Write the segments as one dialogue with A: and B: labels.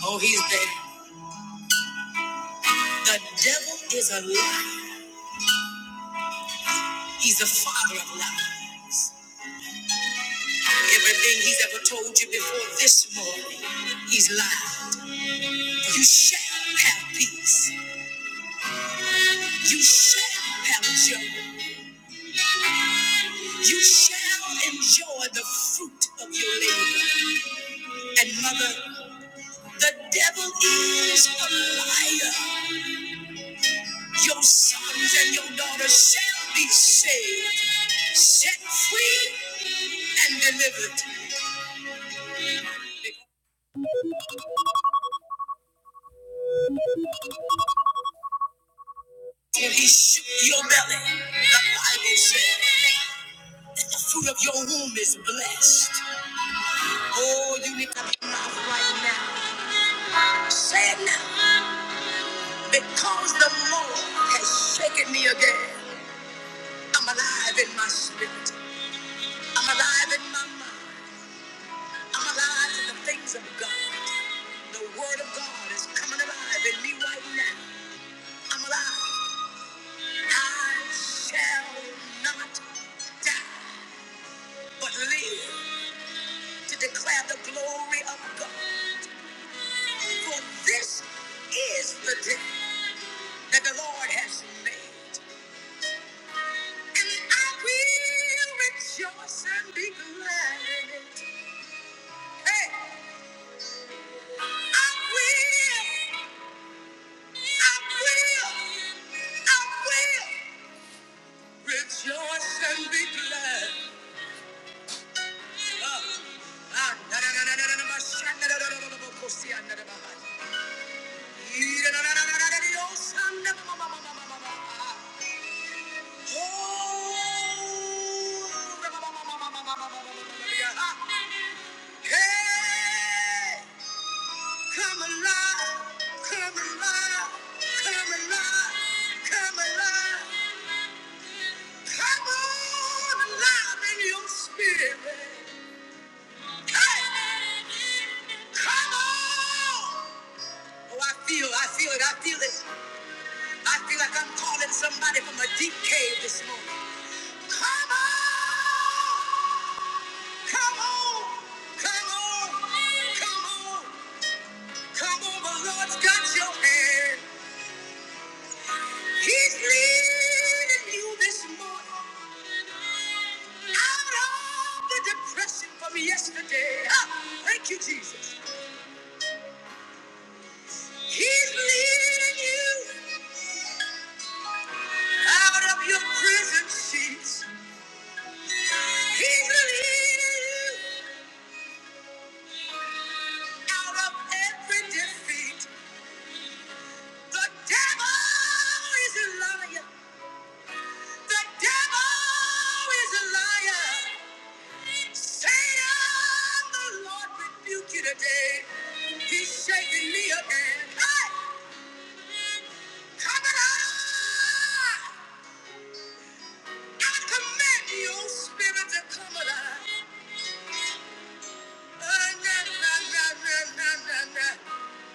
A: Oh, he's has The devil is a liar. He's the father of lies. Everything he's ever told you before this morning, he's lied. You shall have peace. You shall have joy. You shall enjoy the fruit of your labor. And mother, the devil is a liar. Your sons and your daughters shall be saved, set free, and delivered. Till he shook your belly, the Bible said that the fruit of your womb is blessed. Oh, you need to open your mouth right now. Say it now. Because the Lord has shaken me again. I'm alive in my spirit. I'm alive in my mind. I'm alive in the things of God. The word of God is coming alive in me right now. I'm alive. I shall not die, but live to declare the glory of God. For this is the day that the Lord has made, and I will rejoice and be glad in it. Hey, I will, I will, I will rejoice and be glad. Ah, ah, na, na, na, na, na, na, na, ma, sha, na, na, na, na, na, na, bokosi na, si, ah, na, na, na, na, na, na, na, na, na, na, yo, sa, na, ma, ma, ma, ma, Somebody from a deep cave this morning. Come on! Come on, come on, come on, come on, the Lord's got your hand. He's leading you this morning out of the depression from yesterday. Ah, thank you, Jesus. He's leading you out of your prison sheets. He's leading you out of every defeat. The devil is a liar. The devil is a liar. Satan, the Lord rebuke you today. He's shaking me again. Hey, come alive! I command your spirit to come alive. Uh, na, na, na, na, na, na, na.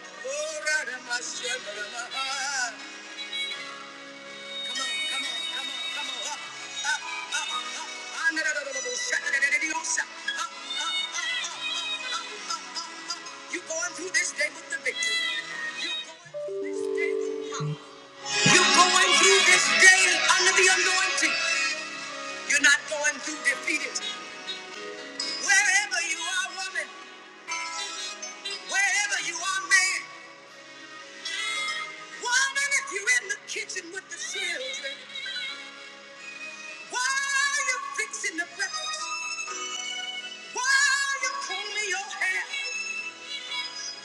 A: Oh, right in my spirit, in my heart. Come on, come on, come on, come on. Up, up, up, up. Ah, na, na, na, na, na, na, na, na, na, na, na, na, na, na. You're going through this day with the victory. You're going through this day with power. You're going through this day under the anointing. You're not going through defeated. Wherever you are, woman, wherever you are, man, woman, if you're in the kitchen with the children, why are you fixing the breakfast? Why are you combing your hair?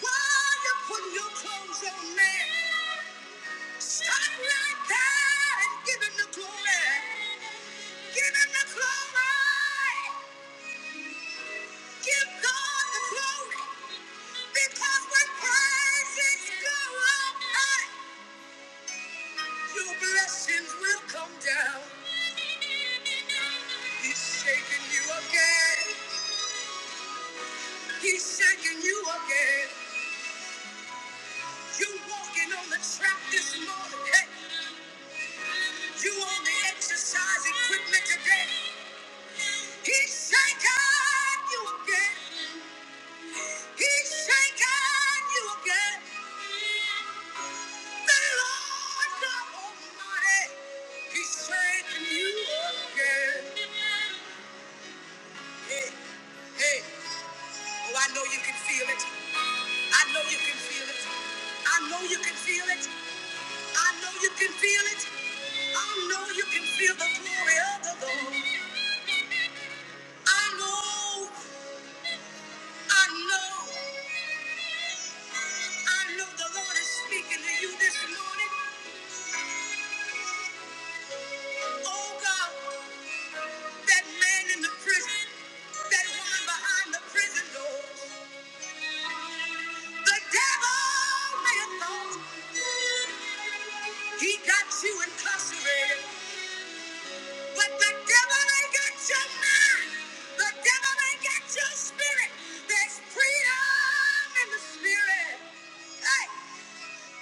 A: Why are you putting your clothes on, man? Stop right there and give him the glory. Give him the glory. Give God the glory. Because when praises go up high, your blessings will come down. He's shaking you again. He's shaking you again. You walking on the track this morning. Hey, you on the exercise equipment today. He's shaking you again. He's shaking you again. Oh God, that man in the prison, that woman behind the prison door. The devil may have thought he got you incarcerated, but the devil ain't got your mind. The devil ain't got your spirit. There's freedom in the spirit. Hey,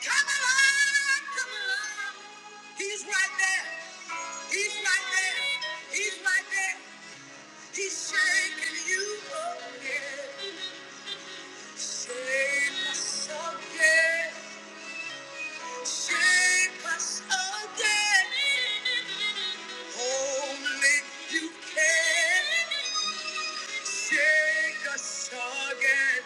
A: come along, come along. He's right there. He's right there. He's right there. He's shaking you. Oh, yeah. Shake myself, Shape us again. Only you can. Shake us again.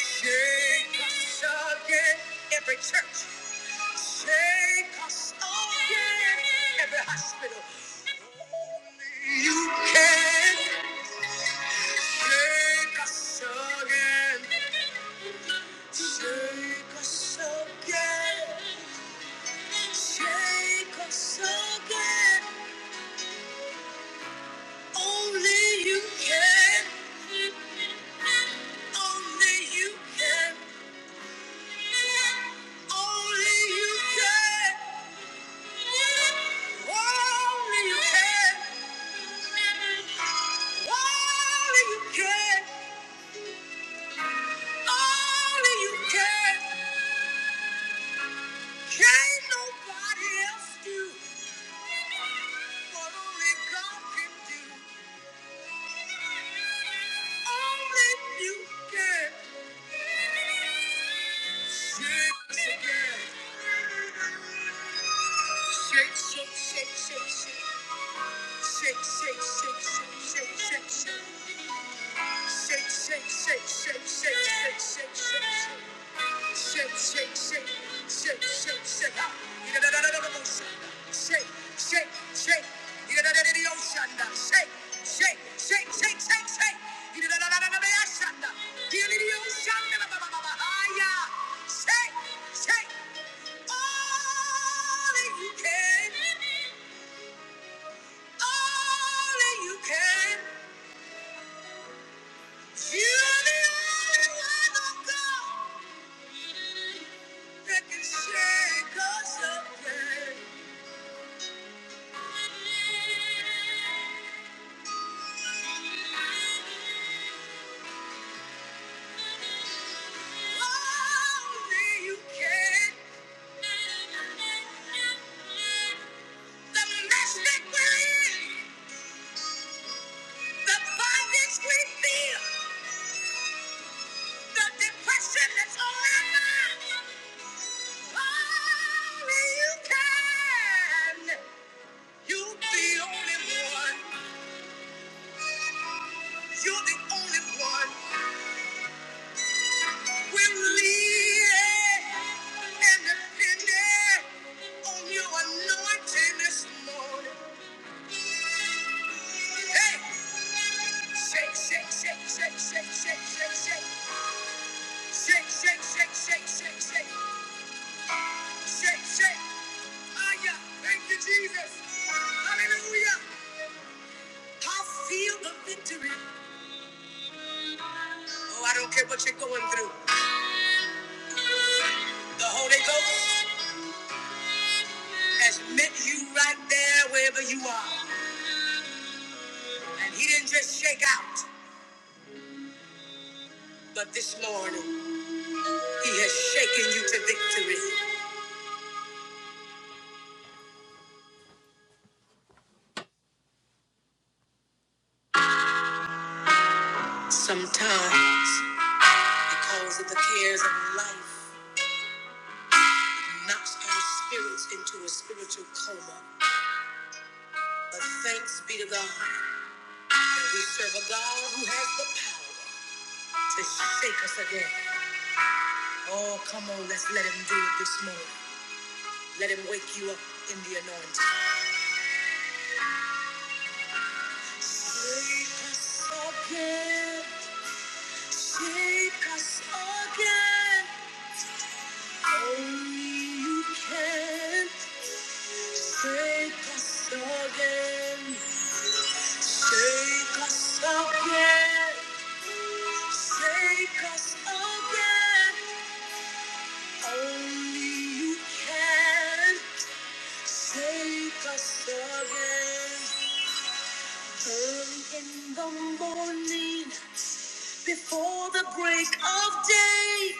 A: Shake us again. Every church. Shake us again. Every hospital. Only you can. Shake us again. Shake us again. Only you can. Only you can. Only you can. Only you can. Only you can. Only you can. Can't nobody else do what only God can do. Shake, shake, shake, shake, shake, shake. Ah, ida da da da Shake, shake, shake. Ida da da da da Shake, shake, shake, shake, shake, shake. Ida da da da da da da moshanda. Ida Ah yeah. Shake, shake. All that you can, all that you can. You're the only one, oh God, that can shake us up. yeah. You're the only one. What you're going through. The Holy Ghost has met you right there wherever you are. And he didn't just shake out, but this morning he has shaken you to victory. Sometimes, because of the cares of life, knocks our spirits into a spiritual coma. But thanks be to God that we serve a God who has the power to shake us again. Oh, come on, let's let him do it this morning. Let him wake you up in the anointing. Shake us again, shake us again. Only you can take us again. Take us again. Take us again. Only you can take us again. Early in the morning, before the break of day,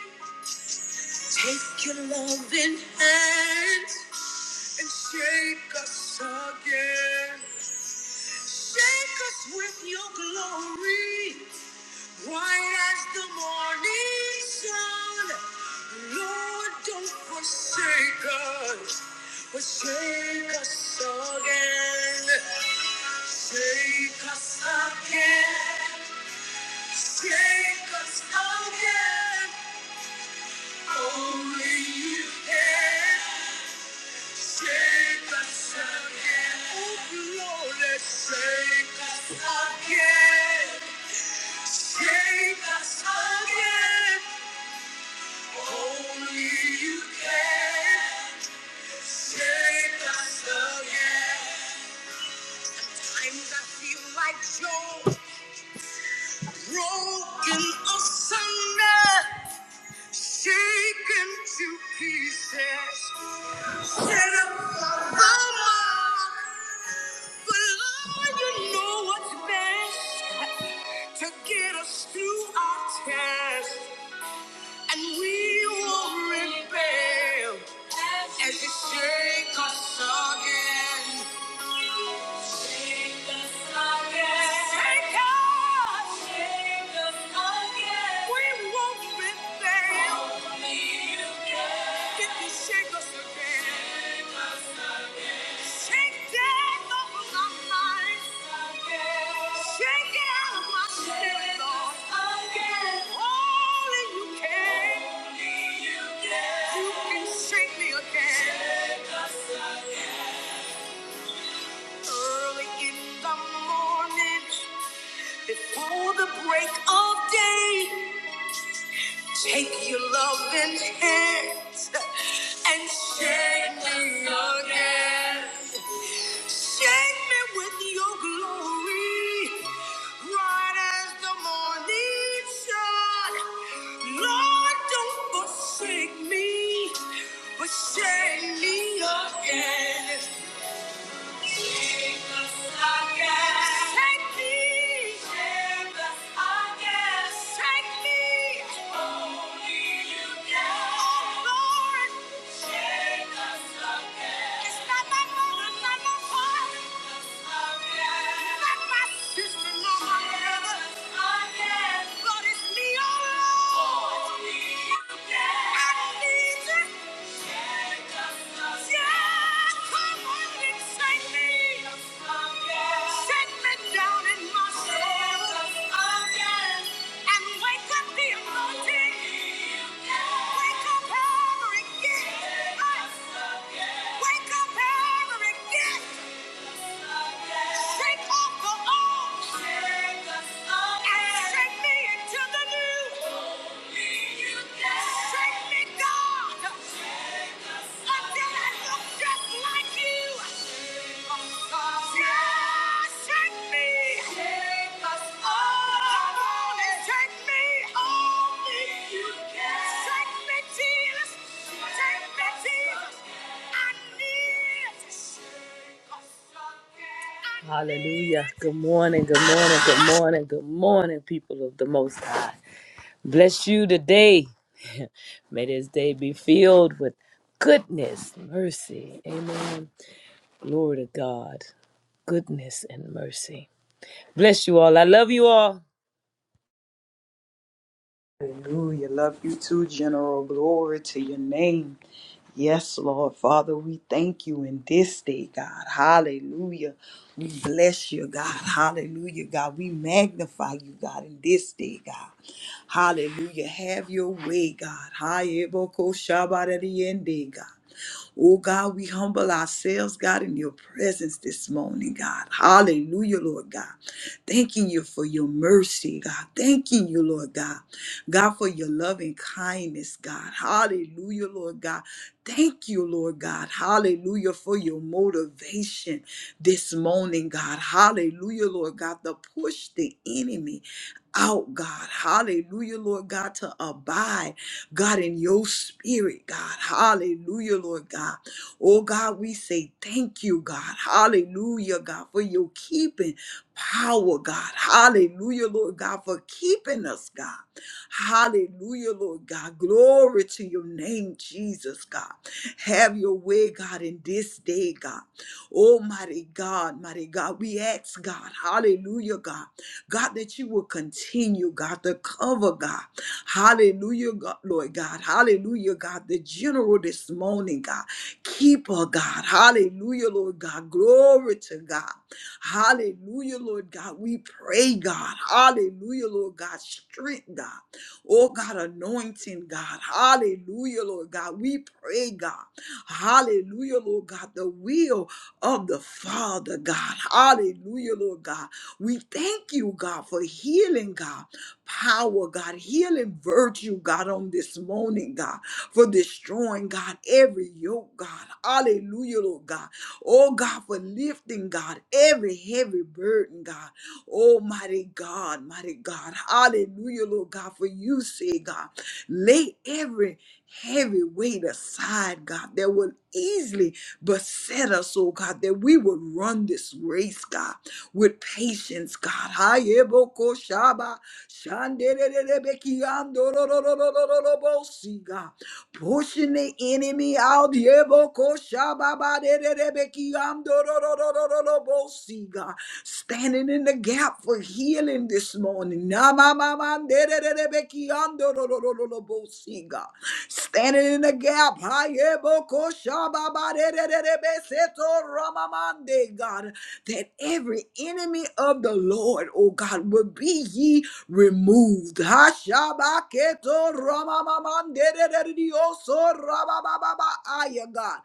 A: take your loving hand and shake us again. Shake us with your glory, bright as the morning sun. Lord, don't forsake us, but shake us again. Shake us again. Shake us again. Only you can shake us again. Oh, Lord, shake us again. Take us again, only you can. Take us again. Times I feel like Job, broken asunder, shaken to pieces. Set up the mark, but Lord, you know what's best to get us through our test. And we will rebel as you shake us again. Shake us again. Shake us. Shake us again. We won't rebel. Only you can shake us again. Shake again. Shake us. Early in the morning, before the break of day. Take your loving hands and shake me again. Shake me with your glory, bright as the morning sun. Lord, don't forsake. me. Shake me again. Shake me, oh Lord. It's not my moment, not my heart. Wake up, Harry! Get! Wake up, Harry! Shake off the old. Shake us up. And shake me into the new. Only you can. Shake me, God. Shake us up. Until I look just like you. Hallelujah. Good morning, good morning, good morning, good morning, people of the Most High. Bless you today. May this day be filled with goodness, mercy. Amen. Glory to God. Goodness and mercy. Bless you all. I love you all.
B: Hallelujah. Love you too, General. Glory to your name. Yes, Lord. Father, we thank you in this day, God. Hallelujah. We bless you, God. Hallelujah, God. We magnify you, God, in this day, God. Hallelujah. Have your way, God. Hi, Eboko Shabbat at the end day, God. Oh God, we humble ourselves, God, in your presence this morning, God. Hallelujah, Lord God. Thanking you for your mercy, God. Thanking you, Lord God. God, for your love and kindness, God. Hallelujah, Lord God. Thank you, Lord God. Hallelujah, for your motivation this morning, God. Hallelujah, Lord God, to push the enemy out, God. Hallelujah, Lord God, to abide. God, in your spirit, God. Hallelujah, Lord God. Oh, God, we say thank you, God. Hallelujah, God, for your keeping power, God. Hallelujah, Lord God, for keeping us, God. Hallelujah, Lord God. Glory to your name, Jesus, God. Have your way, God, in this day, God. Almighty God, mighty God. We ask, God. Hallelujah, God. God, that you will continue, God, to cover, God. Hallelujah, God, Lord God. Hallelujah, God, the general this morning, God. Keep her, God. Hallelujah, Lord God. Glory to God. Hallelujah, Lord God. We pray, God. Hallelujah, Lord God. Strength, God. Oh, God, anointing, God. Hallelujah, Lord God. We pray, God. Hallelujah, Lord God. The will of the Father, God. Hallelujah, Lord God. We thank you, God, for healing, God, power, God, healing virtue, God, on this morning, God, for destroying, God, every yoke, God. Hallelujah, Lord God. Oh, God, for lifting, God, every heavy burden, God. Almighty God, mighty God. Hallelujah, Lord God, for you say, God, lay every heavy weight aside, God, that will easily beset us, oh God, that we would run this race, God with patience, God. Hayeboko shaba, shandererebekiandorororororobosi, God. Pushing the enemy out. Yeboko shaba badererebekiandorororororobosi, God. Standing in the gap for healing this morning. Namamamandererebekiandororororobosi, God standing in the gap. Hayebokoshababarererebeseto ramamande, God that every enemy of the Lord, O God, will be ye removed. Hashabaketo ramamamandederedioso rababababaaya, God.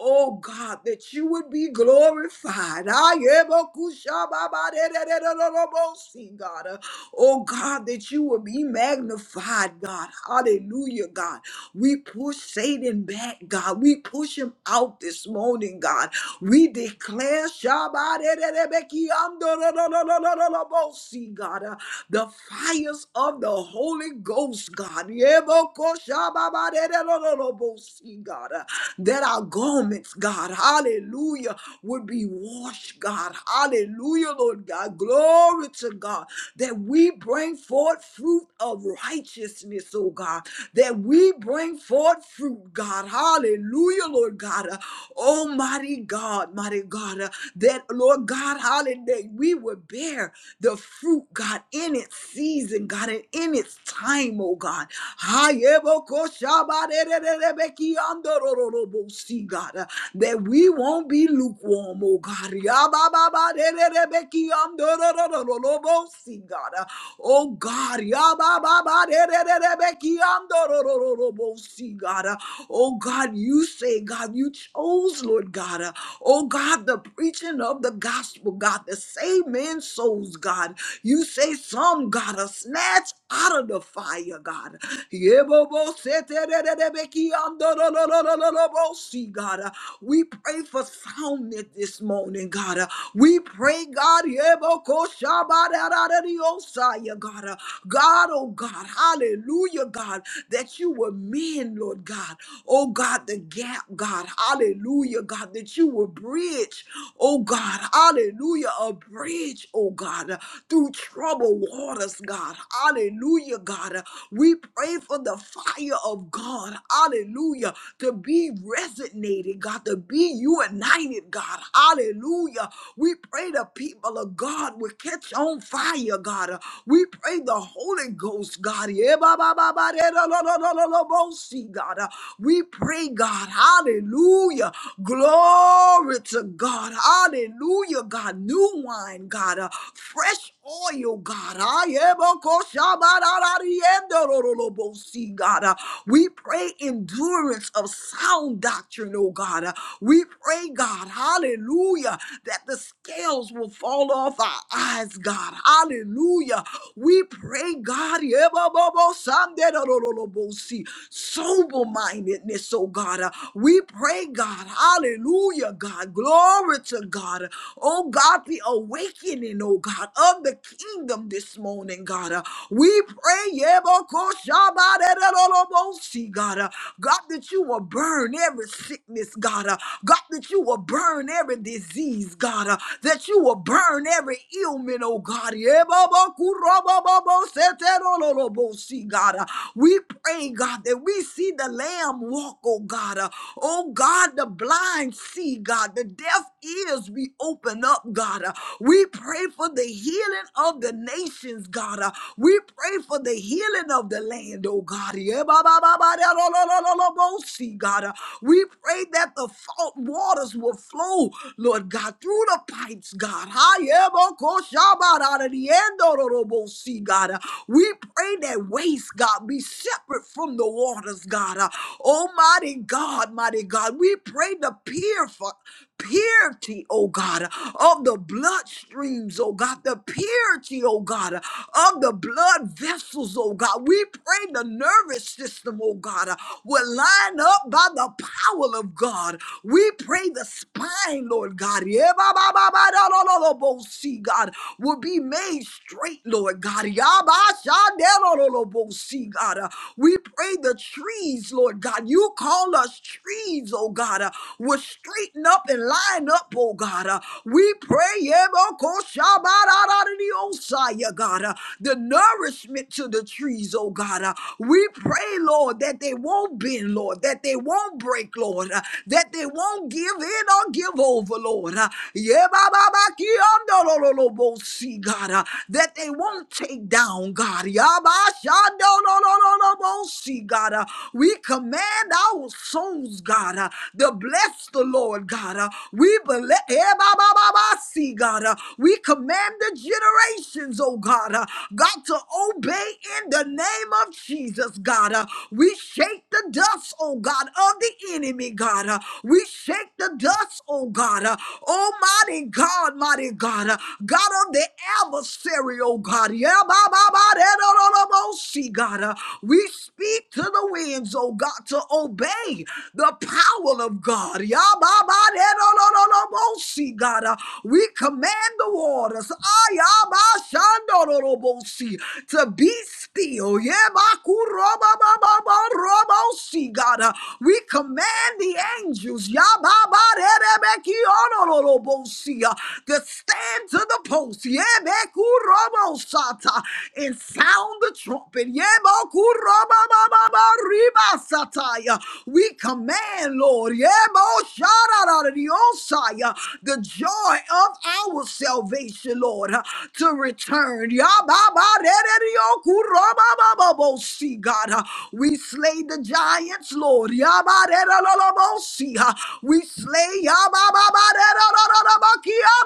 B: Oh God, that you would be glorified. Ayemokushababaderererorobosi, God. Oh God, that you would be magnified, God. Hallelujah, God. We push Satan back, God. We push him out this morning, God. We declare Shabadererebekiandororororobosi, God. uh, The fires of the Holy Ghost, God. Yebokoshababadererorobosi, God. uh, That are gone garments, God, hallelujah, would be washed, God, hallelujah, Lord God, glory to God, that we bring forth fruit of righteousness, oh God, that we bring forth fruit, God, hallelujah, Lord God, uh, almighty God, mighty God, uh, that, Lord God, hallelujah, we would bear the fruit, God, in its season, God, and in its time, oh God, Hayebokoshabarererebekiandorororobosi, God, uh, that we won't be lukewarm, oh God. Yabababadererebekiyamdororororobosi, God. Uh, Oh God, yabababadererebekiyamdororororobosi, God. Uh, Oh God, you say, God, you chose, Lord God. uh, Oh God, the preaching of the gospel, God, to save men's souls, God. You say some, God, are snatched out of the fire, God. Yebobosetererebekiamdororororobosi, God. Uh, We pray for soundness this morning, God. Uh, We pray, God, Yebokoshabadadadadiosaya, God. Uh, God, oh God, hallelujah, God, that you were men, Lord God. Oh God, the gap, God, hallelujah, God, that you were bridge, oh God, hallelujah, a bridge, oh God, uh, through troubled waters, God, hallelujah, God. Uh, We pray for the fire of God, hallelujah, to be resonant coordinated, God, to be united, God. Hallelujah. We pray the people of God will catch on fire, God. We pray the Holy Ghost, God. Yeah, ba, ba, ba, ba, da, da, da, da, da, da, da, bo, see, God. We pray, God. Hallelujah. Glory to God. Hallelujah, God. New wine, God. Fresh oil, God. Ah, yeah, bo- ko- sha- da- da- di- eh, do- do- bo- see, God. Ah, We pray endurance of sound doctrine, oh God. Ah, We pray, God, hallelujah, that the scales will fall off our eyes, God. Hallelujah. We pray, God, yeah, bo- bo- san- de- do- do- do- do- bo- see, sober mindedness, oh God. Ah, We pray, God, hallelujah, God. Glory to God. Oh God, be awakening, oh God, of the kingdom this morning, God. Uh, We pray, Yebokoshabaderolobosi, God, uh, God, that you will burn every sickness, God, uh, God, that you will burn every disease, God, uh, that you will burn every ailment, oh God. Yebobokuroboboboseterolobosi, God, uh, we pray, God, that we see the Lamb walk, oh God. Uh, oh God, the blind see, God, the deaf ears be opened up, God. Uh, We pray for the healing of the nations, God. Uh, We pray for the healing of the land, oh God. Yeah, ba, ba, ba, ba, da, lo, lo, lo, lo, lo, bo, see, God. Uh, We pray that the fault waters will flow, Lord God, through the pipes, God. Ha, yeah, bo, ko, sha, ba, da, da, di, en, do, do, do, bo, see, God. Uh, We pray that waste, God, be separate from the waters, God. Uh, Almighty God, mighty God, we pray to purify purity, oh God, of the bloodstreams, oh God, the purity, oh God, of the blood vessels, oh God. We pray the nervous system, oh God, will line up by the power of God. We pray the spine, Lord God, yeah, ba, ba, ba, ba, da, da, da, da, bo, see, God, will be made straight, Lord God. Yeah, ba, sha, da, da, da, da, bo, see, God. We pray the trees, Lord God. You call us trees, oh oh God, uh, will straighten up and line up, oh God. uh, we pray, Yebokoshabararariyosaya, God, uh, the nourishment to the trees, oh God. uh, we pray, Lord, that they won't bend, Lord, that they won't break, Lord, uh, that they won't give in or give over, Lord. uh, Yebababakiyondololobosi, God, uh, that they won't take down, God. Yabashandolololobosi, God, uh, we command command our souls, God, uh, to bless the Lord, God. uh, we bele- eh, ba. ba, ba, ba, see, God. uh, we command the generations, oh God, uh, God, to obey in the name of Jesus, God. uh, we shake the dust, oh God, of the enemy, God. uh, we shake the dust, oh God. uh, Almighty God, mighty God, uh, God of the adversary, oh God. Yeah, ba, ba, ba, da, da, da, da, bo, see, God. uh, We speak to the winds, oh God, to obey the power of God. Yababaderororobosi, God, Uh, we command the waters ayabashandororobosi, to be still. Yebakurobabababorobosi, God, Uh, we command the angels yababaderebekionororobosi, uh, to stand to the post. Yebekurobosata, And sound sound the trumpet. Yebakurababababaribasatai. We command, Lord, Yeboshararariosai, the joy of our salvation, Lord, to return. Yababarereriokurababababasi, God, we slay the giants, Lord. Yabarererolobosi. We slay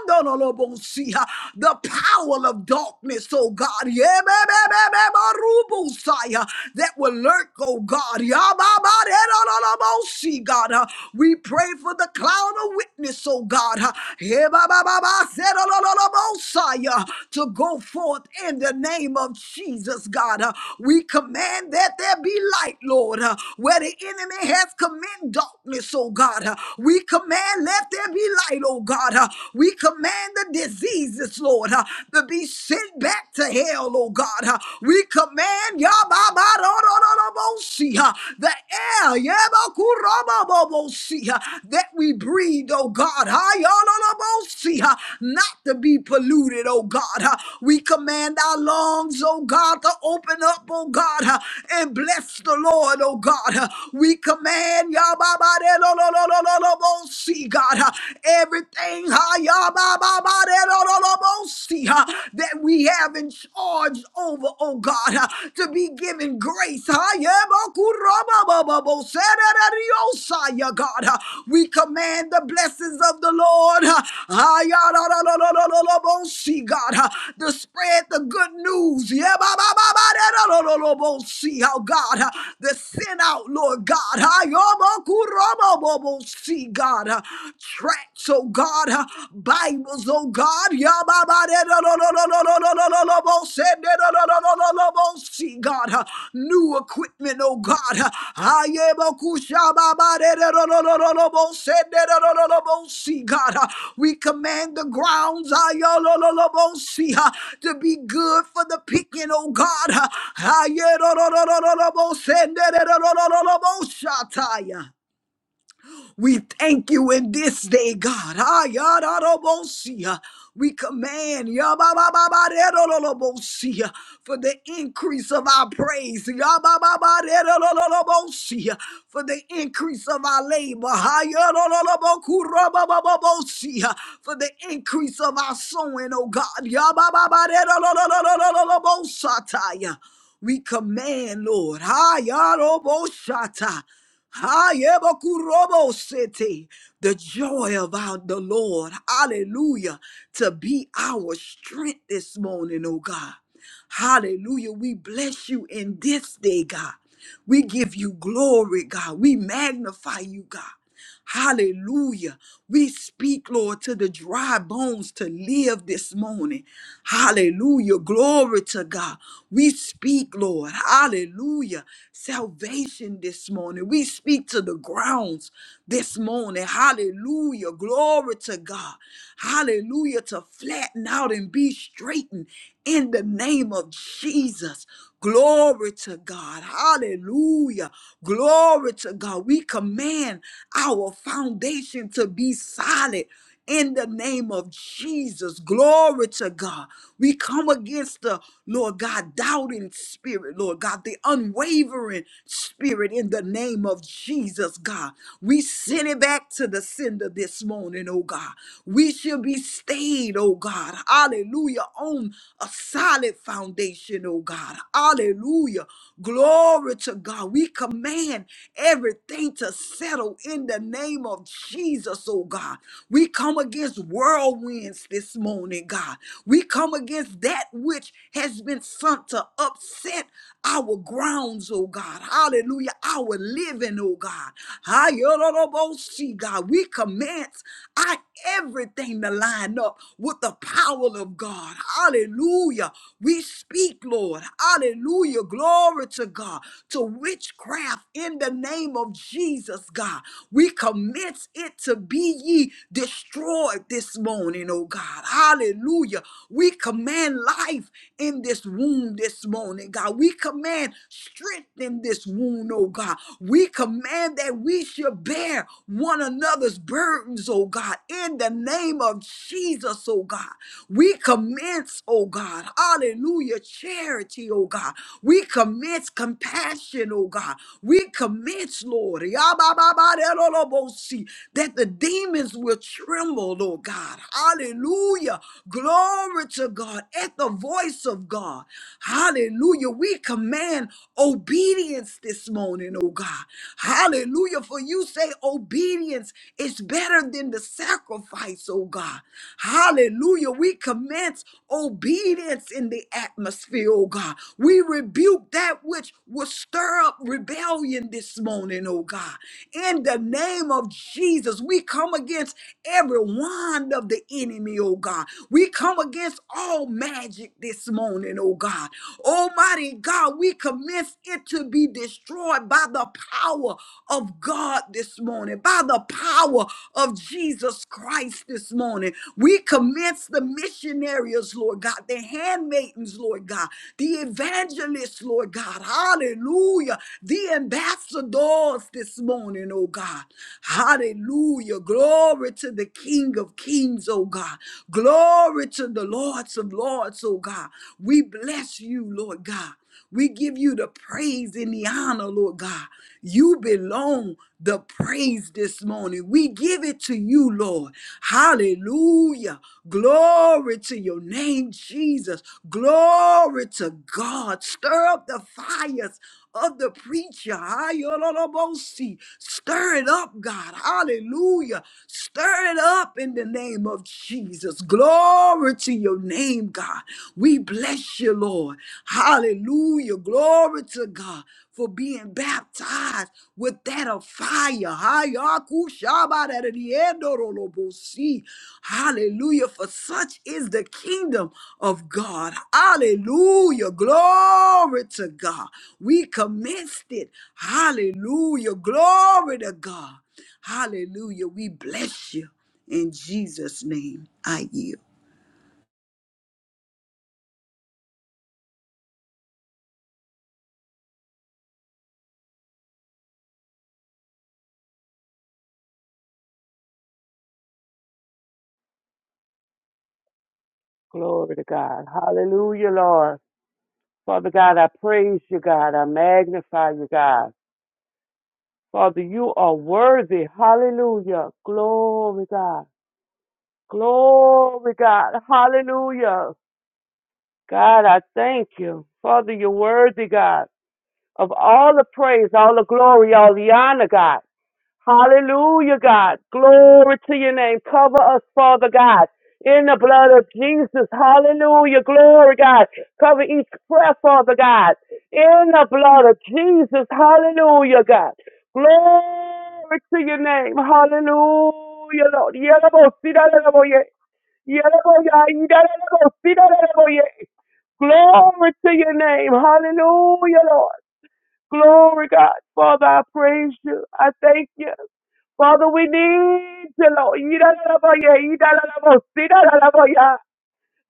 B: Yabababarererolobokiandololobosi, the power of darkness darkness, oh God, Yemememememarubusaya, that will lurk, oh God. Yamamarerororobosi, God, Uh, we pray for the cloud of witness, oh God, Uh, Yemamabaserorororobosaya, to go forth in the name of Jesus, God. Uh, We command that there be light, Lord, Uh, where the enemy has commanded darkness, oh God. Uh, We command, let there be light, oh God. Uh, We command the disease. Jesus, Lord, uh, to be sent back to hell, oh God. uh, we command Yababarodorobosi, uh, the air Yabakurobobobosi, uh, that we breathe, oh God, uh, Yololobosi, uh, not to be polluted, oh God. uh, we command our lungs, oh God, to open up, oh God, uh, and bless the Lord, oh God. uh, we command Yababarodorobosi, God, uh, everything things ba, ba, ba, de, do, do, do, bo, that we have in charge over, oh God, to be given grace. ha, ya, ba, ba, ba, oh, God, we command the blessings of the Lord. ha, ha, ya, da, da, do, do, do, do, God, to spread the good news. Yeah, ba, ba, ba, ba, da, da, lo, lo, lo, bo, God, to send out, Lord God. God. God, uh, tracts, oh God, uh, Bibles, oh God. See, God, uh, new equipment, oh God. uh, See, God, uh, we command the grounds see, uh, to be good for the picking, oh God. uh, we thank you in this day, God. Ah, yadadabosia. We command yababababaredololobosia, for the increase of our praise, yabababaredololobosia, for the increase of our labor, ah, yadololobokurobababosia, for the increase of our sowing, oh God. yabababaredolololobosataya. We command, Lord. Hayaroboshata. Hayabakurobosete. The joy of our the Lord. Hallelujah. To be our strength this morning, oh God. Hallelujah. We bless you in this day, God. We give you glory, God. We magnify you, God. Hallelujah. We speak, Lord, to the dry bones to live this morning. Hallelujah. Glory to God. We speak, Lord. Hallelujah. Salvation this morning. We speak to the grounds this morning. Hallelujah. Glory to God. Hallelujah. To flatten out and be straightened in the name of Jesus. Glory to God. Hallelujah. Glory to God. We command our our foundation to be solid in the name of Jesus. Glory to God. We come against the Lord God doubting spirit, Lord God, the unwavering spirit in the name of Jesus, God. We send it back to the sender this morning, oh God. We should be stayed, oh God. Hallelujah. On a solid foundation, oh God. Hallelujah. Glory to God. We command everything to settle in the name name of Jesus, oh God. We come against whirlwinds this morning, God. We come against that which has been sent to upset our grounds, oh God. Hallelujah. Our living, oh God. Hallelujah, God. We commence I everything to line up with the power of God. Hallelujah. We speak, Lord. Hallelujah. Glory to God. To witchcraft in the name of Jesus, God. We commits it to be ye destroyed this morning, oh God. Hallelujah. We command life in this womb this morning, God. We command strength in this womb, oh God. We command that we should bear one another's burdens, oh God, in the name of Jesus, oh God. We commence, oh God, hallelujah, charity, oh God. We commence compassion, oh God. We commence, Lord see that the demons will tremble, Lord God. Hallelujah. Glory to God at the voice of God. Hallelujah. We command obedience this morning, oh God. Hallelujah. For you say obedience is better than the sacrifice, oh God. Hallelujah. We commence obedience in the atmosphere, oh God. We rebuke that which will stir up rebellion this morning, oh God. In the name name of Jesus, we come against every wand of the enemy, oh God. We come against all magic this morning, oh God. Almighty God, we commence it to be destroyed by the power of God this morning, by the power of Jesus Christ this morning. We commence the missionaries, Lord God, the handmaidens, Lord God, the evangelists, Lord God, hallelujah, the ambassadors this morning, oh God. Hallelujah. Glory to the King of Kings, oh God. Glory to the Lords of Lords, oh God. We bless you, Lord God. We give you the praise and the honor, Lord God. You belong the praise this morning. We give it to you, Lord. Hallelujah. Glory to your name, Jesus. Glory to God. Stir up the fires of the preacher. Ayololobosi. Stir it up, God. Hallelujah. Stir it up in the name of Jesus. Glory to your name, God. We bless you, Lord. Hallelujah. Glory to God for being baptized with that of fire. Hayakushabaradiendorolobosi. Hallelujah. For such is the kingdom of God. Hallelujah. Glory to God. We commenced it. Hallelujah. Glory to God. Hallelujah. We bless you. In Jesus' name, I yield.
C: Glory to God. Hallelujah, Lord. Father God, I praise you, God. I magnify you, God. Father, you are worthy. Hallelujah. Glory, God. Glory, God. Hallelujah. God, I thank you. Father, you're worthy, God, of all the praise, all the glory, all the honor, God. Hallelujah, God. Glory to your name. Cover us, Father God. In the blood of Jesus. Hallelujah. Glory, God. Cover each prayer, Father God. In the blood of Jesus. Hallelujah, God. Glory to your name. Hallelujah, Lord. Yalabosidalaboye. Yalaboya, yidalabosidalaboye. Glory to your name. Hallelujah, Lord. Glory, God. Father, I praise you. I thank you. Father, we need you, Lord. Yidalalaboya, yidalalaboya, sidalalaboya.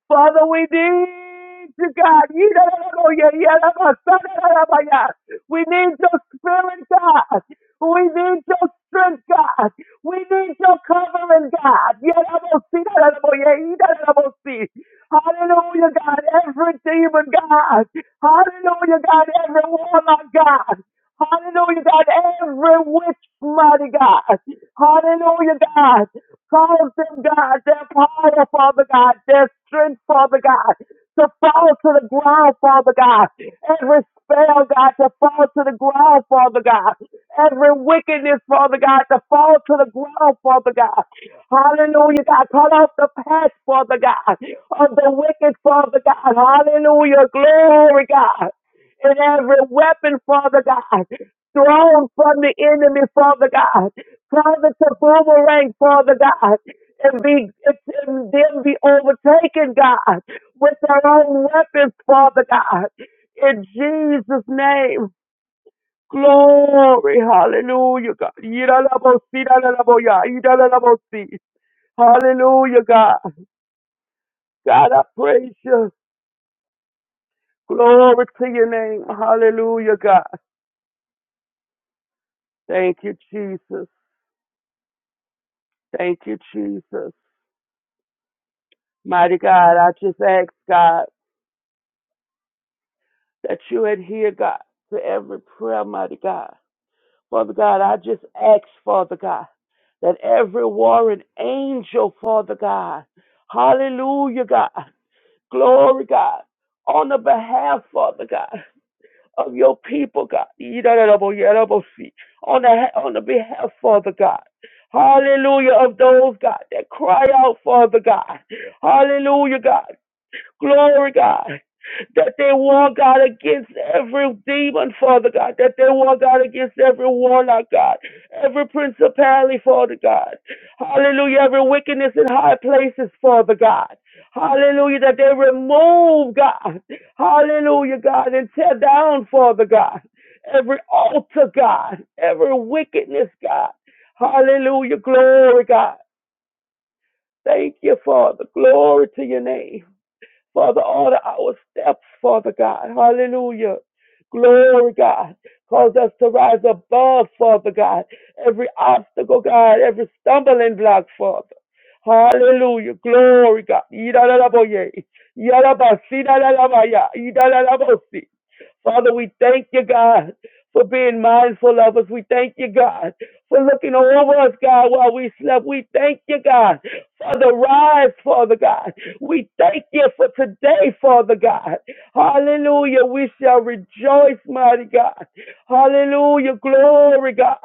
C: Father, we need you, God. Yidalalaboya, yidalalaboya, sadalalaboya. We need your spirit, God. We need your strength, God. We need your covering, God. Yidalalaboya, sidalalaboya, yidalalaboya. Hallelujah, God. Every demon, God. Hallelujah, God. Every warlock, God. Hallelujah, God. Every witch, mighty God. Hallelujah, God. Cause them, God, their power, Father God, their strength, Father God, to fall to the ground, Father God. Every spell, God, to fall to the ground, Father God. Every wickedness, Father God, to fall to the ground, Father God. Hallelujah, God. Cut off the path, Father God, of the wicked, Father God. Hallelujah. Glory, God and every weapon, Father God, thrown from the enemy, Father God, Father to boomerang, Father God, and be and then be overtaken, God, with their own weapons, Father God, in Jesus' name. Glory, hallelujah, God. Yidalabosi, dadalaboya, yidalabosi. Hallelujah, God. God, I praise you. Glory to your name. Hallelujah, God. Thank you, Jesus. Thank you, Jesus. Mighty God, I just ask God that you adhere, God, to every prayer, mighty God. Father God, I just ask, Father God, that every warring angel, Father God, hallelujah, God, glory, God, on the behalf, Father God, of your people, God, on the, on the behalf, Father God, hallelujah, of those, God, that cry out, Father God, hallelujah, God. Glory, God. That they war, God, against every demon, Father God. That they war, God, against every warlock, God. Every principality, Father God. Hallelujah. Every wickedness in high places, Father God. Hallelujah. That they remove, God. Hallelujah, God. And tear down, Father God. Every altar, God. Every wickedness, God. Hallelujah. Glory, God. Thank you, Father. Glory to your name. Father, order our steps, Father God. Hallelujah. Glory, God. Cause us to rise above, Father God. Every obstacle, God. Every stumbling block, Father. Hallelujah. Glory, God. Yidadadaboye. Yadabasi, dadadabaya. Father, we thank you, God, for being mindful of us. We thank you, God, for looking over us, God, while we slept. We thank you, God, for the rise, Father God. We thank you for today, Father God. Hallelujah. We shall rejoice, mighty God. Hallelujah. Glory, God.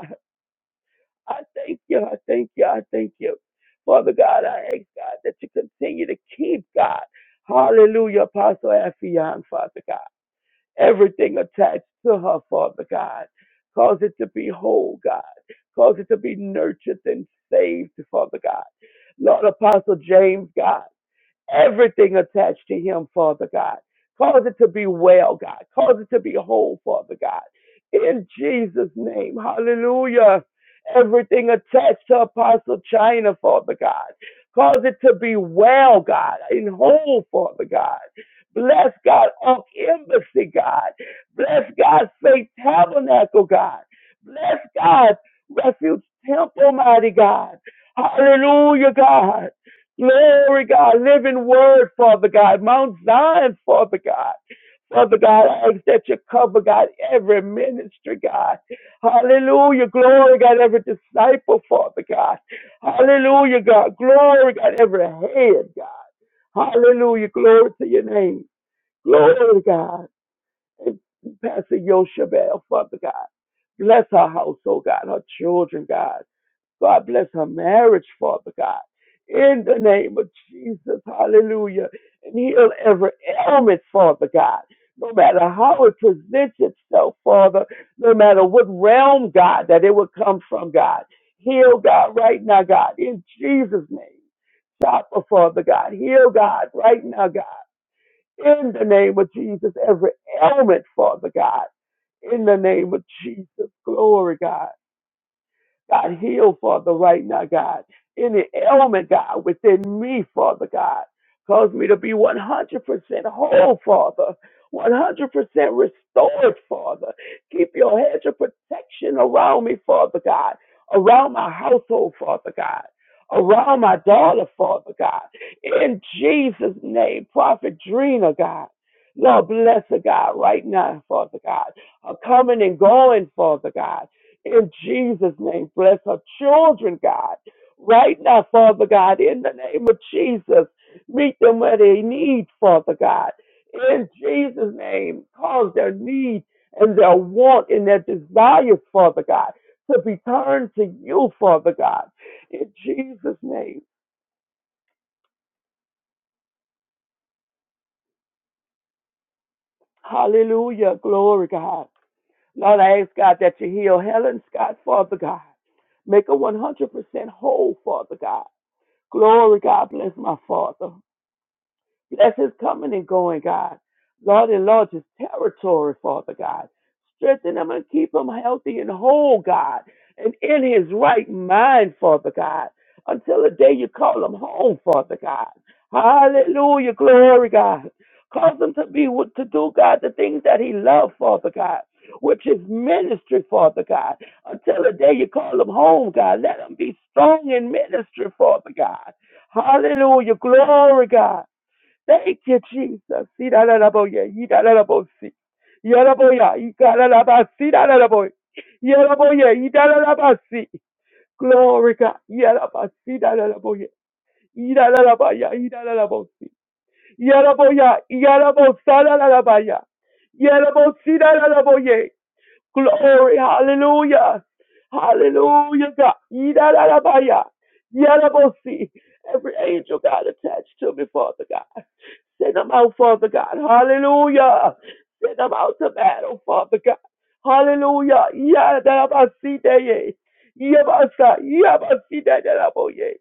C: I thank you. I thank you. I thank you. Father God, I ask God that you continue to keep God. Hallelujah, Apostle Affion, Father God everything attached to her, Father God. Cause it to be whole, God. Cause it to be nurtured and saved, Father God. Lord Apostle James, God everything attached to him, Father God. Cause it to be well, God. Cause it to be whole, Father God. In Jesus' name, hallelujah. Everything attached to Apostle China, Father God. Cause it to be well, God, in whole, Father God. Bless God, Ark Embassy, God. Bless God, Faith Tabernacle, God. Bless God, Refuge Temple, mighty God. Hallelujah, God. Glory, God. Living word, Father God. Mount Zion, Father God. Father God, I ask that you cover, God, every ministry, God. Hallelujah. Glory, God, every disciple, Father God. Hallelujah, God. Glory, God, every head, God. Hallelujah. Glory to your name. Glory, God. And Pastor Yoshabel, Father God. Bless her household, God, her children, God. God bless her marriage, Father God. In the name of Jesus, hallelujah. And heal every ailment, Father God. No matter how it presents itself, Father, no matter what realm, God, that it would come from, God. Heal, God, right now, God, in Jesus' name. Stop, oh, Father God. Heal, God, right now, God. In the name of Jesus, every ailment, Father God. In the name of Jesus, glory, God. God, heal, Father, right now, God. Any ailment, God, within me, Father God. Cause me to be 100% whole, Father. 100% restored, Father. Keep your hedge of protection around me, Father God. Around my household, Father God. Around my daughter, Father God. In Jesus' name, Prophet Drina, God. Lord, bless her, God, right now, Father God. Her coming and going, Father God. In Jesus' name, bless her children, God. Right now, Father God, in the name of Jesus, meet them where they need, Father God. In Jesus' name, cause their need and their want and their desires, Father God, to be turned to you, Father God. In Jesus' name, hallelujah, glory, God. Lord, I ask God that you heal Helen Scott, Father God. Make her 100% whole, Father God. Glory, God bless my father. Bless his coming and going, God. Lord, enlarge his territory, Father God. Strengthen him and keep him healthy and whole, God, and in his right mind, Father God, until the day you call him home, Father God. Hallelujah, glory, God. Cause him to be what to do, God, the things that he loved, Father God, which is ministry, Father God. Until the day you call him home, God, let him be strong in ministry, Father God. Hallelujah, glory, God. Thank you, Jesus. Yidadadaboye, yidadadabosi. Yadaboya, yidadadabasi, yidadadaboye. Yadaboye, yidadadabasi. Glory God. Yadabasi, yidadadaboye. Yidadadabaya, yidadadabosi. Yadaboya, yadabosa, yadadabaya. Yadabosi, yadadaboye. Glory, hallelujah. Hallelujah, God. Yidadadabaya. Yadabosi. Every angel, God, attached to me, Father God. Send them out, Father God. Hallelujah. Send them out to battle, Father God. Hallelujah. Yadadabasideye. Yabasa. Yabasidadadaboye.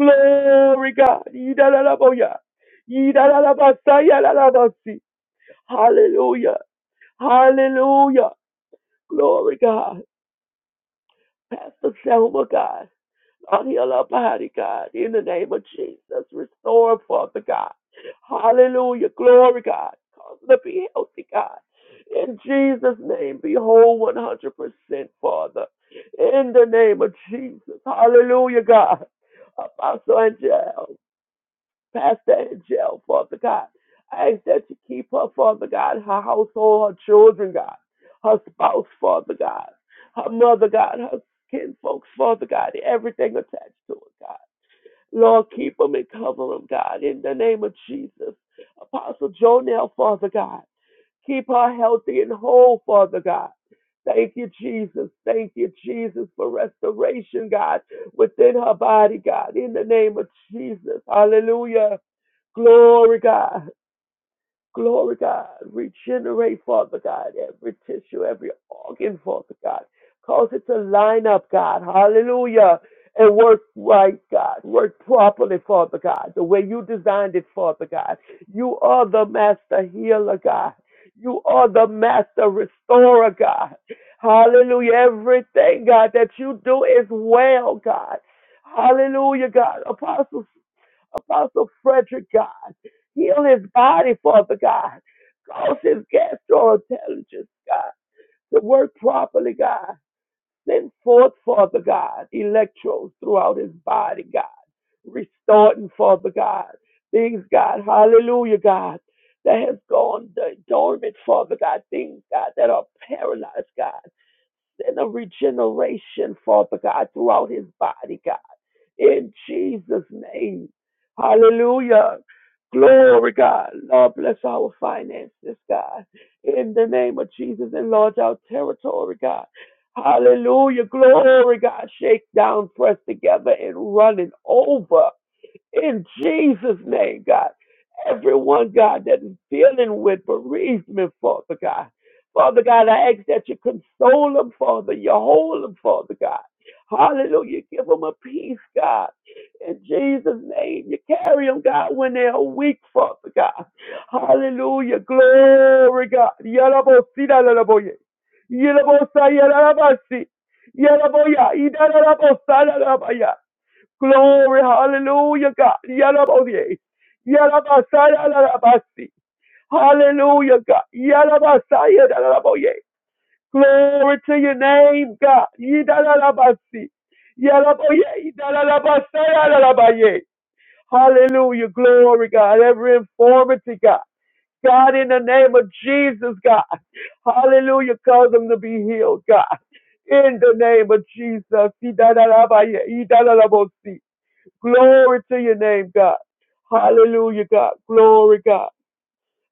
C: Glory, God. Yidadadaboya. Yidadadabasa. Yadadabasi. Hallelujah. Hallelujah. Glory, God. Pastor Selma, God, on heal her body, God, in the name of Jesus. Restore, Father God. Hallelujah. Glory, God. Cause her to be healthy, God. In Jesus' name, be whole 100%, Father. In the name of Jesus. Hallelujah, God. Apostle Angel. Pastor Angel, Father God. I ask that you keep her, Father God, her household, her children, God, her spouse, Father God, her mother, God, her kinfolks, Father God, everything attached to it, God. Lord, keep them and cover them, God, in the name of Jesus. Apostle Jonell, Father God, keep her healthy and whole, Father God. Thank you, Jesus. Thank you, Jesus, for restoration, God, within her body, God, in the name of Jesus. Hallelujah. Glory, God. Glory, God. Regenerate, Father God, every tissue, every organ, Father God. Cause it to line up, God. Hallelujah. And work right, God. Work properly, Father God, the way you designed it, Father God. You are the master healer, God. You are the master restorer, God. Hallelujah. Everything, God, that you do is well, God. Hallelujah, God. Apostle Apostle Frederick, God. Heal his body, Father God. Cause his gastroenterologist, God, to work properly, God. Send forth, Father God, electrodes throughout his body, God. Restoring, Father God. Things, God, hallelujah, God, that has gone dormant, Father God. Things, God, that are paralyzed, God. Send a regeneration, Father God, throughout his body, God in Jesus' name. Hallelujah. Glory, God. Lord, bless our finances, God. In the name of Jesus, enlarge our territory, God. Hallelujah. Glory, God. Shake down, press together, and running over. In Jesus' name, God. Everyone, God, that is dealing with bereavement, Father God. Father God, I ask that you console them, Father. You hold them, Father God. Hallelujah. Give them a peace, God. In Jesus' name, you carry them, God, when they are weak, Father God. Hallelujah. Glory, God. Yalabosita, lalaboye. Yalabosa, yalalabasi. Yalaboya, idalabosala, Glory, hallelujah, God. Yarabodie. Yarabasaya, yarabasi. Hallelujah, God. Yarabasaya, yaraboye. Glory to your name, God. Yidarabasi. Yaraboye, yidarabasaya, yarabaye. Hallelujah, glory, God. Every infirmity, God. God, in the name of Jesus, God. Hallelujah, cause them to be healed, God. In the name of Jesus. Yidarabaye, yidarabosi. Glory to your name, God. Hallelujah, God. Glory, God.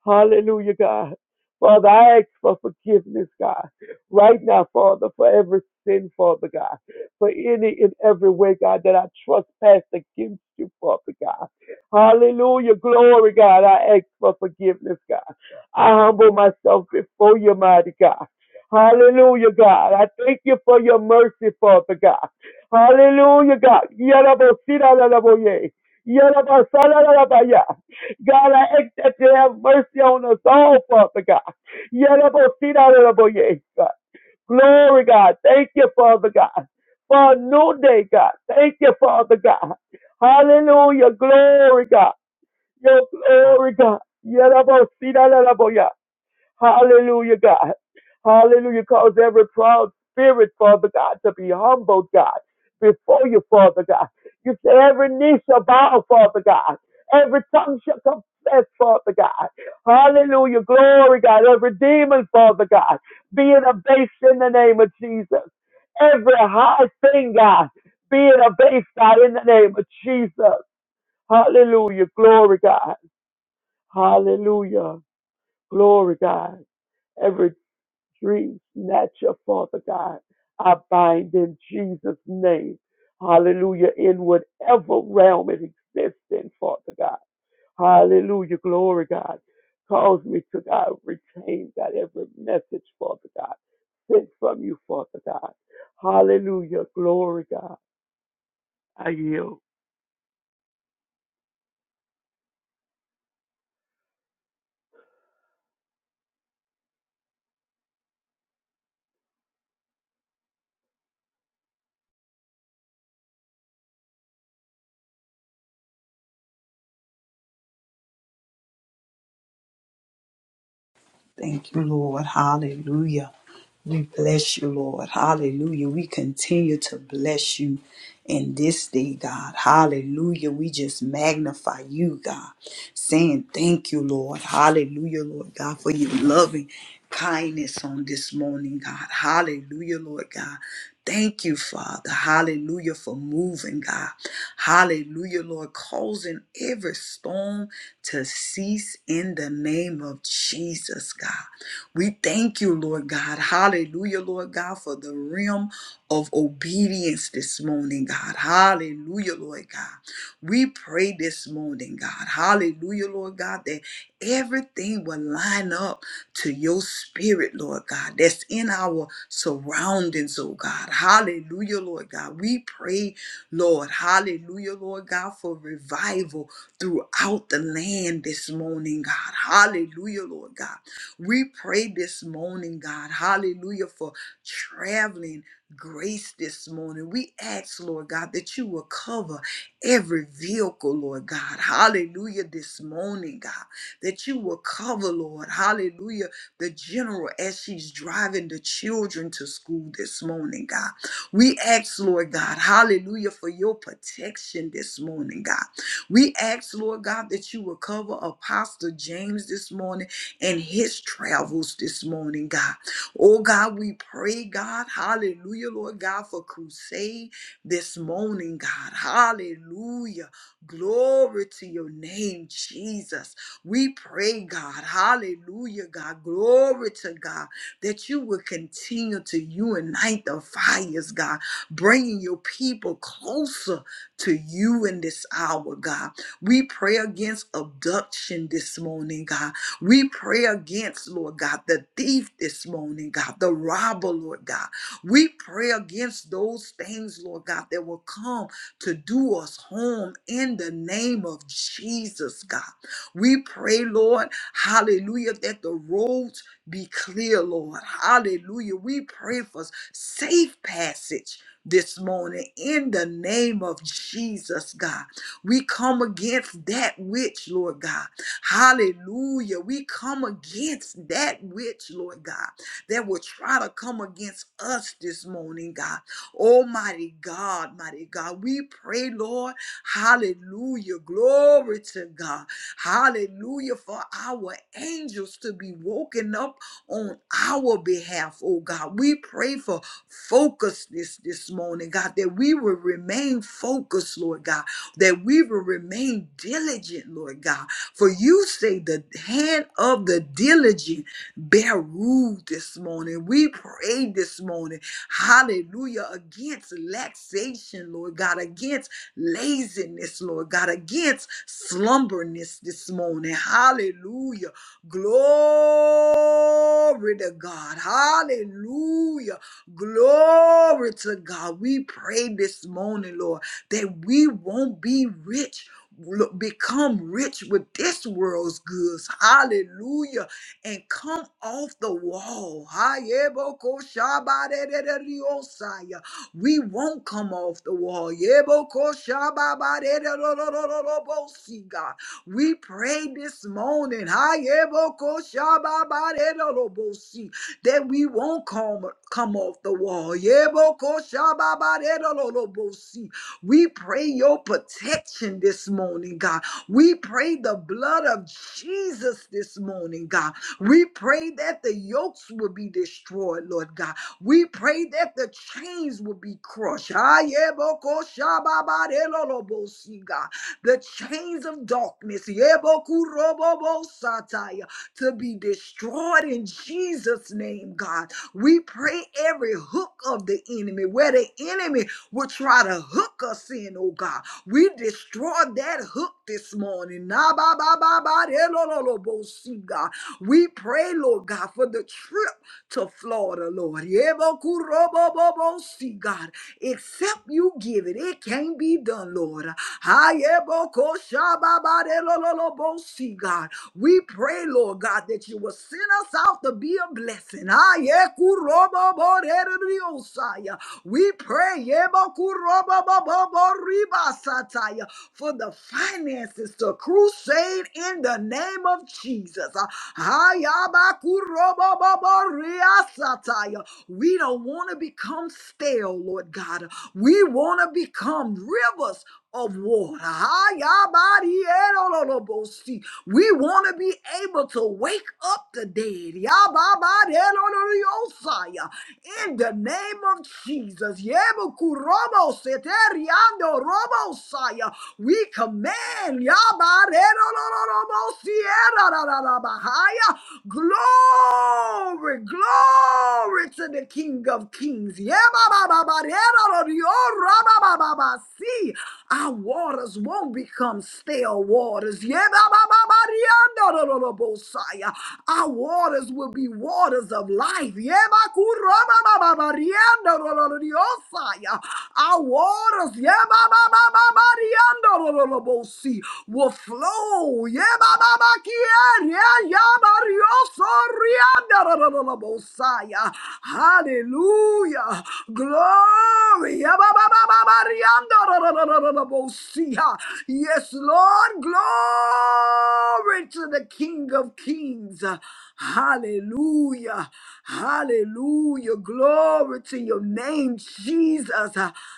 C: Hallelujah, God. Father, I ask for forgiveness, God, right now, Father, for every sin, Father God, for any and every way, God, that I trespass against you, Father God. Hallelujah, glory, God. I ask for forgiveness, God. I humble myself before you, mighty God. Hallelujah, God. I thank you for your mercy, Father God. Hallelujah, God. Yarabo, sirarabo, yea. Yarabo, God, I ask that you have mercy on us all, Father God. Yadabosita, God. Glory, God. Thank you, Father God. For a new day, God. Thank you, Father God. Hallelujah. Glory, God. Your glory, God. Yadabosita, Hallelujah, God. Hallelujah. Cause every proud spirit, Father God, to be humbled, God, before you, Father God. You say every knee shall bow, Father God. Every tongue shall confess, Father God. Hallelujah. Glory, God. Every demon, Father God, being abased in the name of Jesus. Every high thing, God, being abased, God, in the name of Jesus. Hallelujah. Glory, God. Hallelujah. Glory, God. Every dream snatcher, Father God. I bind in Jesus' name. Hallelujah. In whatever realm it exists in, Father God. Hallelujah. Glory, God. Cause me to, God, retain, God, every message, Father God, sent from you, Father God. Hallelujah. Glory, God. I yield.
B: Thank you, Lord. Hallelujah. We bless you, Lord. Hallelujah. We continue to bless you in this day, God. Hallelujah. We just magnify you, God, saying thank you, Lord. Hallelujah, Lord God, for your loving kindness on this morning, God. Hallelujah, Lord God. Thank you, Father. Hallelujah for moving, God. Hallelujah, Lord, causing every storm to cease in the name of Jesus, God. We thank you, Lord God. Hallelujah, Lord God, for the realm of obedience this morning, God. Hallelujah, Lord God. We pray this morning, God. Hallelujah, Lord God, that everything will line up to your spirit, Lord God, that's in our surroundings, oh God. Hallelujah, Lord God. We pray, Lord, hallelujah, Lord God, for revival throughout the land this morning, God. Hallelujah, Lord God. We pray this morning, God, hallelujah, for traveling grace this morning. We ask, Lord God, that you will cover every vehicle, Lord God. Hallelujah, this morning, God that you will cover, Lord. Hallelujah. The general as she's driving the children to school this morning, God. We ask, Lord God, hallelujah, for your protection this morning, God. We ask, Lord God, that you will cover Apostle James this morning and his travels this morning, God. Oh, God, we pray, God, hallelujah, Lord God, for crusade this morning, God. Hallelujah. Glory to your name, Jesus. We pray, God, hallelujah, God, glory to God, that you will continue to unite the fires, God, bringing your people closer to you in this hour, God. We pray against abduction this morning, God. We pray against, Lord God, the thief this morning, God, the robber, Lord God. We pray against those things, Lord God, that will come to do us harm in the name of Jesus, God. We pray, Lord, hallelujah, that the roads be clear, Lord. Hallelujah. We pray for safe passage this morning in the name of Jesus, God. We come against that which, Lord God. Hallelujah. We come against that which, Lord God, that will try to come against us this morning, God. Almighty God, mighty God. We pray, Lord. Hallelujah. Glory to God. Hallelujah. For our angels to be woken up on our behalf, oh God. We pray for focusness this morning, God, that we will remain focused, Lord God, that we will remain diligent, Lord God. For you say the hand of the diligent bear rule this morning. We pray this morning, hallelujah, against laxation, Lord God, against laziness, Lord God, against slumberness this morning. Hallelujah. Glory to God. Hallelujah. Glory to God. We pray this morning, Lord, that we won't be rich. lo- Become rich with this world's goods. Hallelujah. And come off the wall. Hayebokoshabadereriosaya. We won't come off the wall. Yebokoshababaredorororobosi, God. We pray this morning ha, yebokoshababaredorobosi, that we won't come, come off the wall. Yebokoshababaredororobosi. We pray your protection this morning, God. We pray the blood of Jesus this morning, God. We pray that the yokes will be destroyed, Lord God. We pray that the chains will be crushed. Ah, yeah, Ayebokoshababarelolobosi, God. The chains of darkness Yeah, yebokurobobosataya, to be destroyed in Jesus' name, God. We pray every hook of the enemy, where the enemy will try to hook us in, oh God. We destroy that hook this morning. Na ba ba ba ba de lo lo lo bo si, God. We pray, Lord God, for the trip to Florida, Lord. Yebokurobobobo, See, God, except you give it, it can't be done, Lord. Hayebokoshababarelolobosi, God. We pray, Lord God, that you will send us out to be a blessing. Hayekuroboboreriosaya. We pray yebokuroboboboribasataya, for the finances to crusade in the name of Jesus. Hayabakuroboboboriasataya. We don't want to become stale, Lord God. We want to become rivers of water. Ah, yabarierololobosi. We want to be able to wake up the dead. Yababarieroloriosaya. In the name of Jesus. Yebukuroboseteriandorobosaya. We command yabarierololobosierarararabahaya. glory, glory to the King of Kings. Yababarieroloriorabababasi. Our waters won't become stale waters. Yebabababariandorobosaya. Our waters will be waters of life. Yebakurobababariandorobosaya. Our waters. yebabababariandorobosi will flow. Yeah, ba, yeah, yeah, ba, rio, sorry, ah, Hallelujah. Glory. Yeah, ba, ba, ba, ba, ba, ria, da, Yes, Lord. Glory to the King of Kings. Hallelujah. Hallelujah. Glory to your name, Jesus.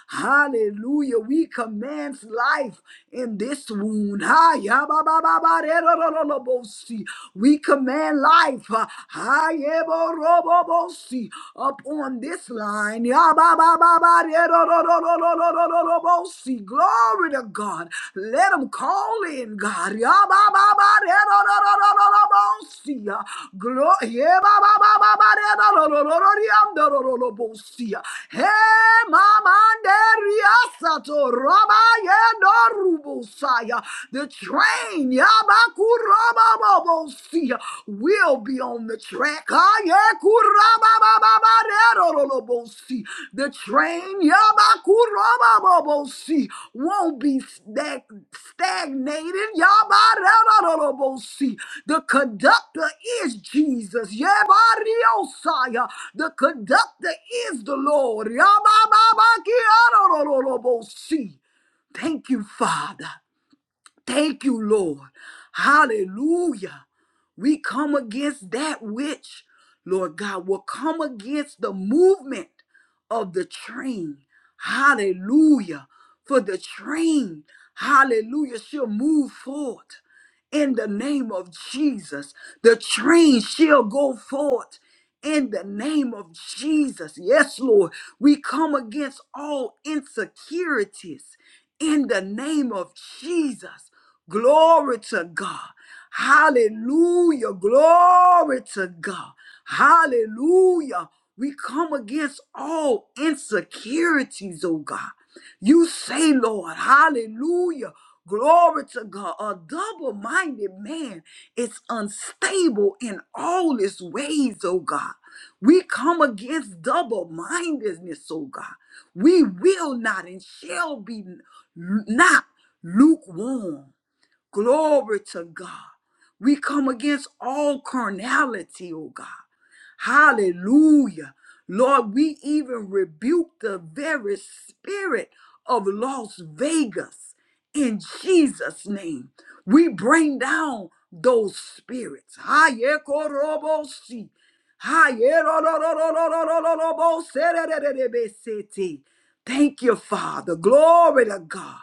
B: Hallelujah. We command life in this wound. Ha, ya, ba, ba, ba, ba, de, do, do, do, do, bo, si. We command life. Ha, ha, ye, bo, ro, bo, bo, si. Up on this line. Ya, ba, ba, ba, ba, de, do, do, do, do, do, do, do, do, bo, si. Glory to God. Let them call in, God. Ya ba ba ba de do do do do do do bo si ya. Glo- ye ba ba ba ba ba de do do do do do di am do do do do bo si ya. Hey, mama de ria sa to ro ba ye do ru bo sa ya. The train ya ba ku ro ba bo bo si ya, will be on the track. Ah, yeah, ku ra ba ba ba ba de do do do bo si ya. The train Yabakurobabobosi won't be stag- stagnated. Yabarabarabosi. The conductor is Jesus. Yabariosaya. The conductor is the Lord. Yabababakiarorobosi. Thank you, Father. Thank you, Lord. Hallelujah. We come against that which, Lord God, will come against the movement of the train. Hallelujah. For the train, hallelujah, shall move forward in the name of Jesus. The train shall go forth in the name of Jesus. Yes, Lord. We come against all insecurities in the name of Jesus. Glory to God. Hallelujah. Glory to God. Hallelujah. We come against all insecurities, oh God. You say, Lord, hallelujah. Glory to God. A double minded man is unstable in all his ways, oh God. We come against double mindedness, oh God. We will not and shall be not lukewarm. Glory to God. We come against all carnality, oh God. Hallelujah. Lord, we even rebuke the very spirit of Las Vegas in Jesus' name. We bring down those spirits. Hayekoroboshi. Hayerororororororoboserererebesete. Thank you, Father. Glory to God.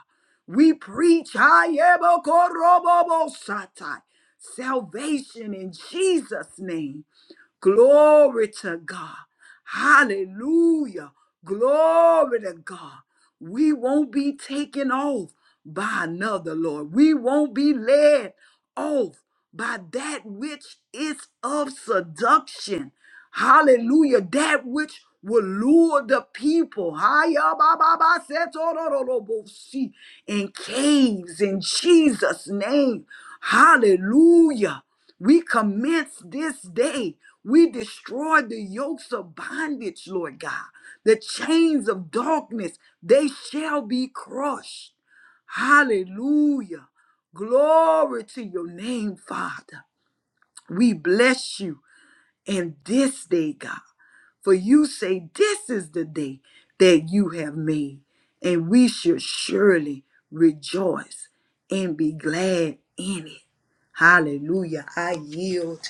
B: We preach hayebokorobobosatai. salvation in Jesus' name. Glory to God. Hallelujah. Glory to God. We won't be taken off by another, Lord. We won't be led off by that which is of seduction. Hallelujah. That which will lure the people. Hiya, ba, ba, ba, se, to, ro, ro, ro, bo, si, In caves in Jesus' name. Hallelujah. We commence this day. We destroy the yokes of bondage, Lord God. The chains of darkness, they shall be crushed. Hallelujah. Glory to your name, Father. We bless you in this day, God. For you say, This is the day that you have made, and we should surely rejoice and be glad in it. Hallelujah. I yield.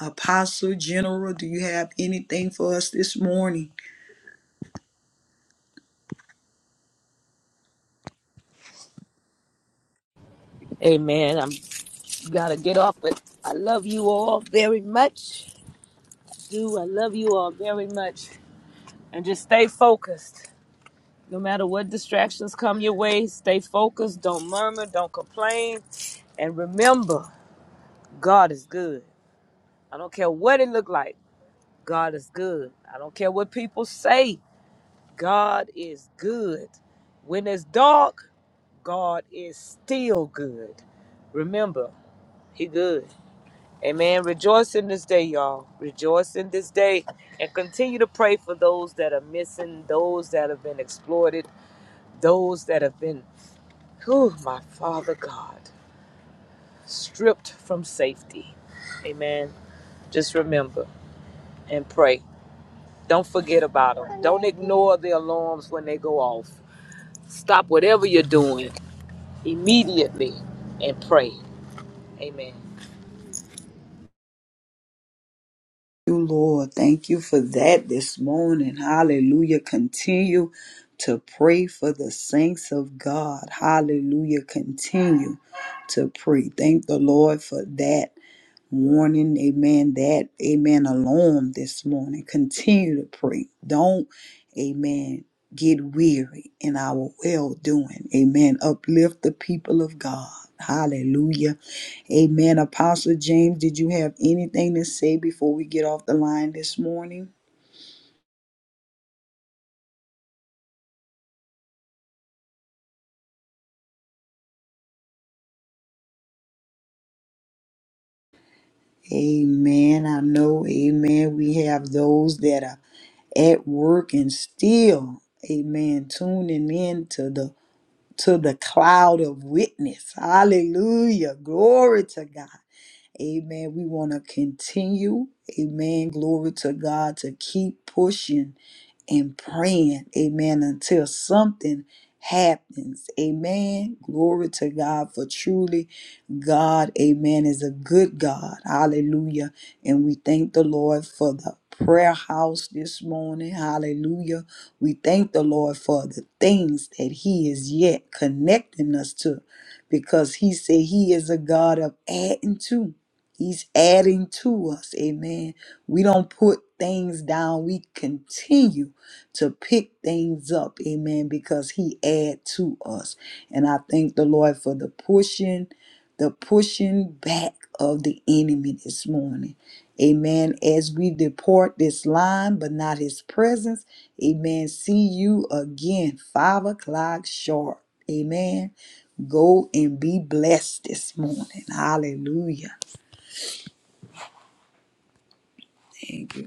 B: Apostle General, do you have anything for us this morning?
A: Amen. I'm gotta get off, but I love you all very much. Do I love you all very much? And just stay focused. No matter what distractions come your way, stay focused. Don't murmur. Don't complain. And remember, God is good. I don't care what it look like. God is good. I don't care what people say. God is good. When it's dark. God is still good. Remember, He good. Amen. Rejoice in this day, y'all. Rejoice in this day and continue to pray for those that are missing, those that have been exploited, those that have been, whew, my Father God, stripped from safety. Amen. Just remember and pray. Don't forget about them. Don't ignore the alarms when they go off. Stop whatever you're doing immediately and pray. Amen.
B: You, Lord, thank you for that this morning. Hallelujah. Continue to pray for the saints of God. Hallelujah. Continue to pray. Thank the Lord for that. warning, amen, that, amen, alarm this morning. Continue to pray. Don't, amen, get weary in our well doing. Amen. Uplift the people of God. Hallelujah. Amen. Apostle James, did you have anything to say before we get off the line this morning? Amen. I know, amen. We have those that are at work and still, amen, tuning in to the to the cloud of witness. Hallelujah. Glory to God. Amen. We want to continue. Amen. Glory to God to keep pushing and praying, amen, until something happens. Amen. Glory to God for truly God, amen, is a good God. Hallelujah. And we thank the Lord for the prayer house this morning. Hallelujah. We thank the Lord for the things that He is yet connecting us to because He said He is a God of adding to. He's adding to us. Amen. We don't put things down. We continue to pick things up, amen, because he add to us. And I thank the Lord for the pushing, the pushing back of the enemy this morning. Amen. As we depart this line, but not his presence, amen. See you again, five o'clock sharp. Amen. Go and be blessed this morning. Hallelujah. Thank you.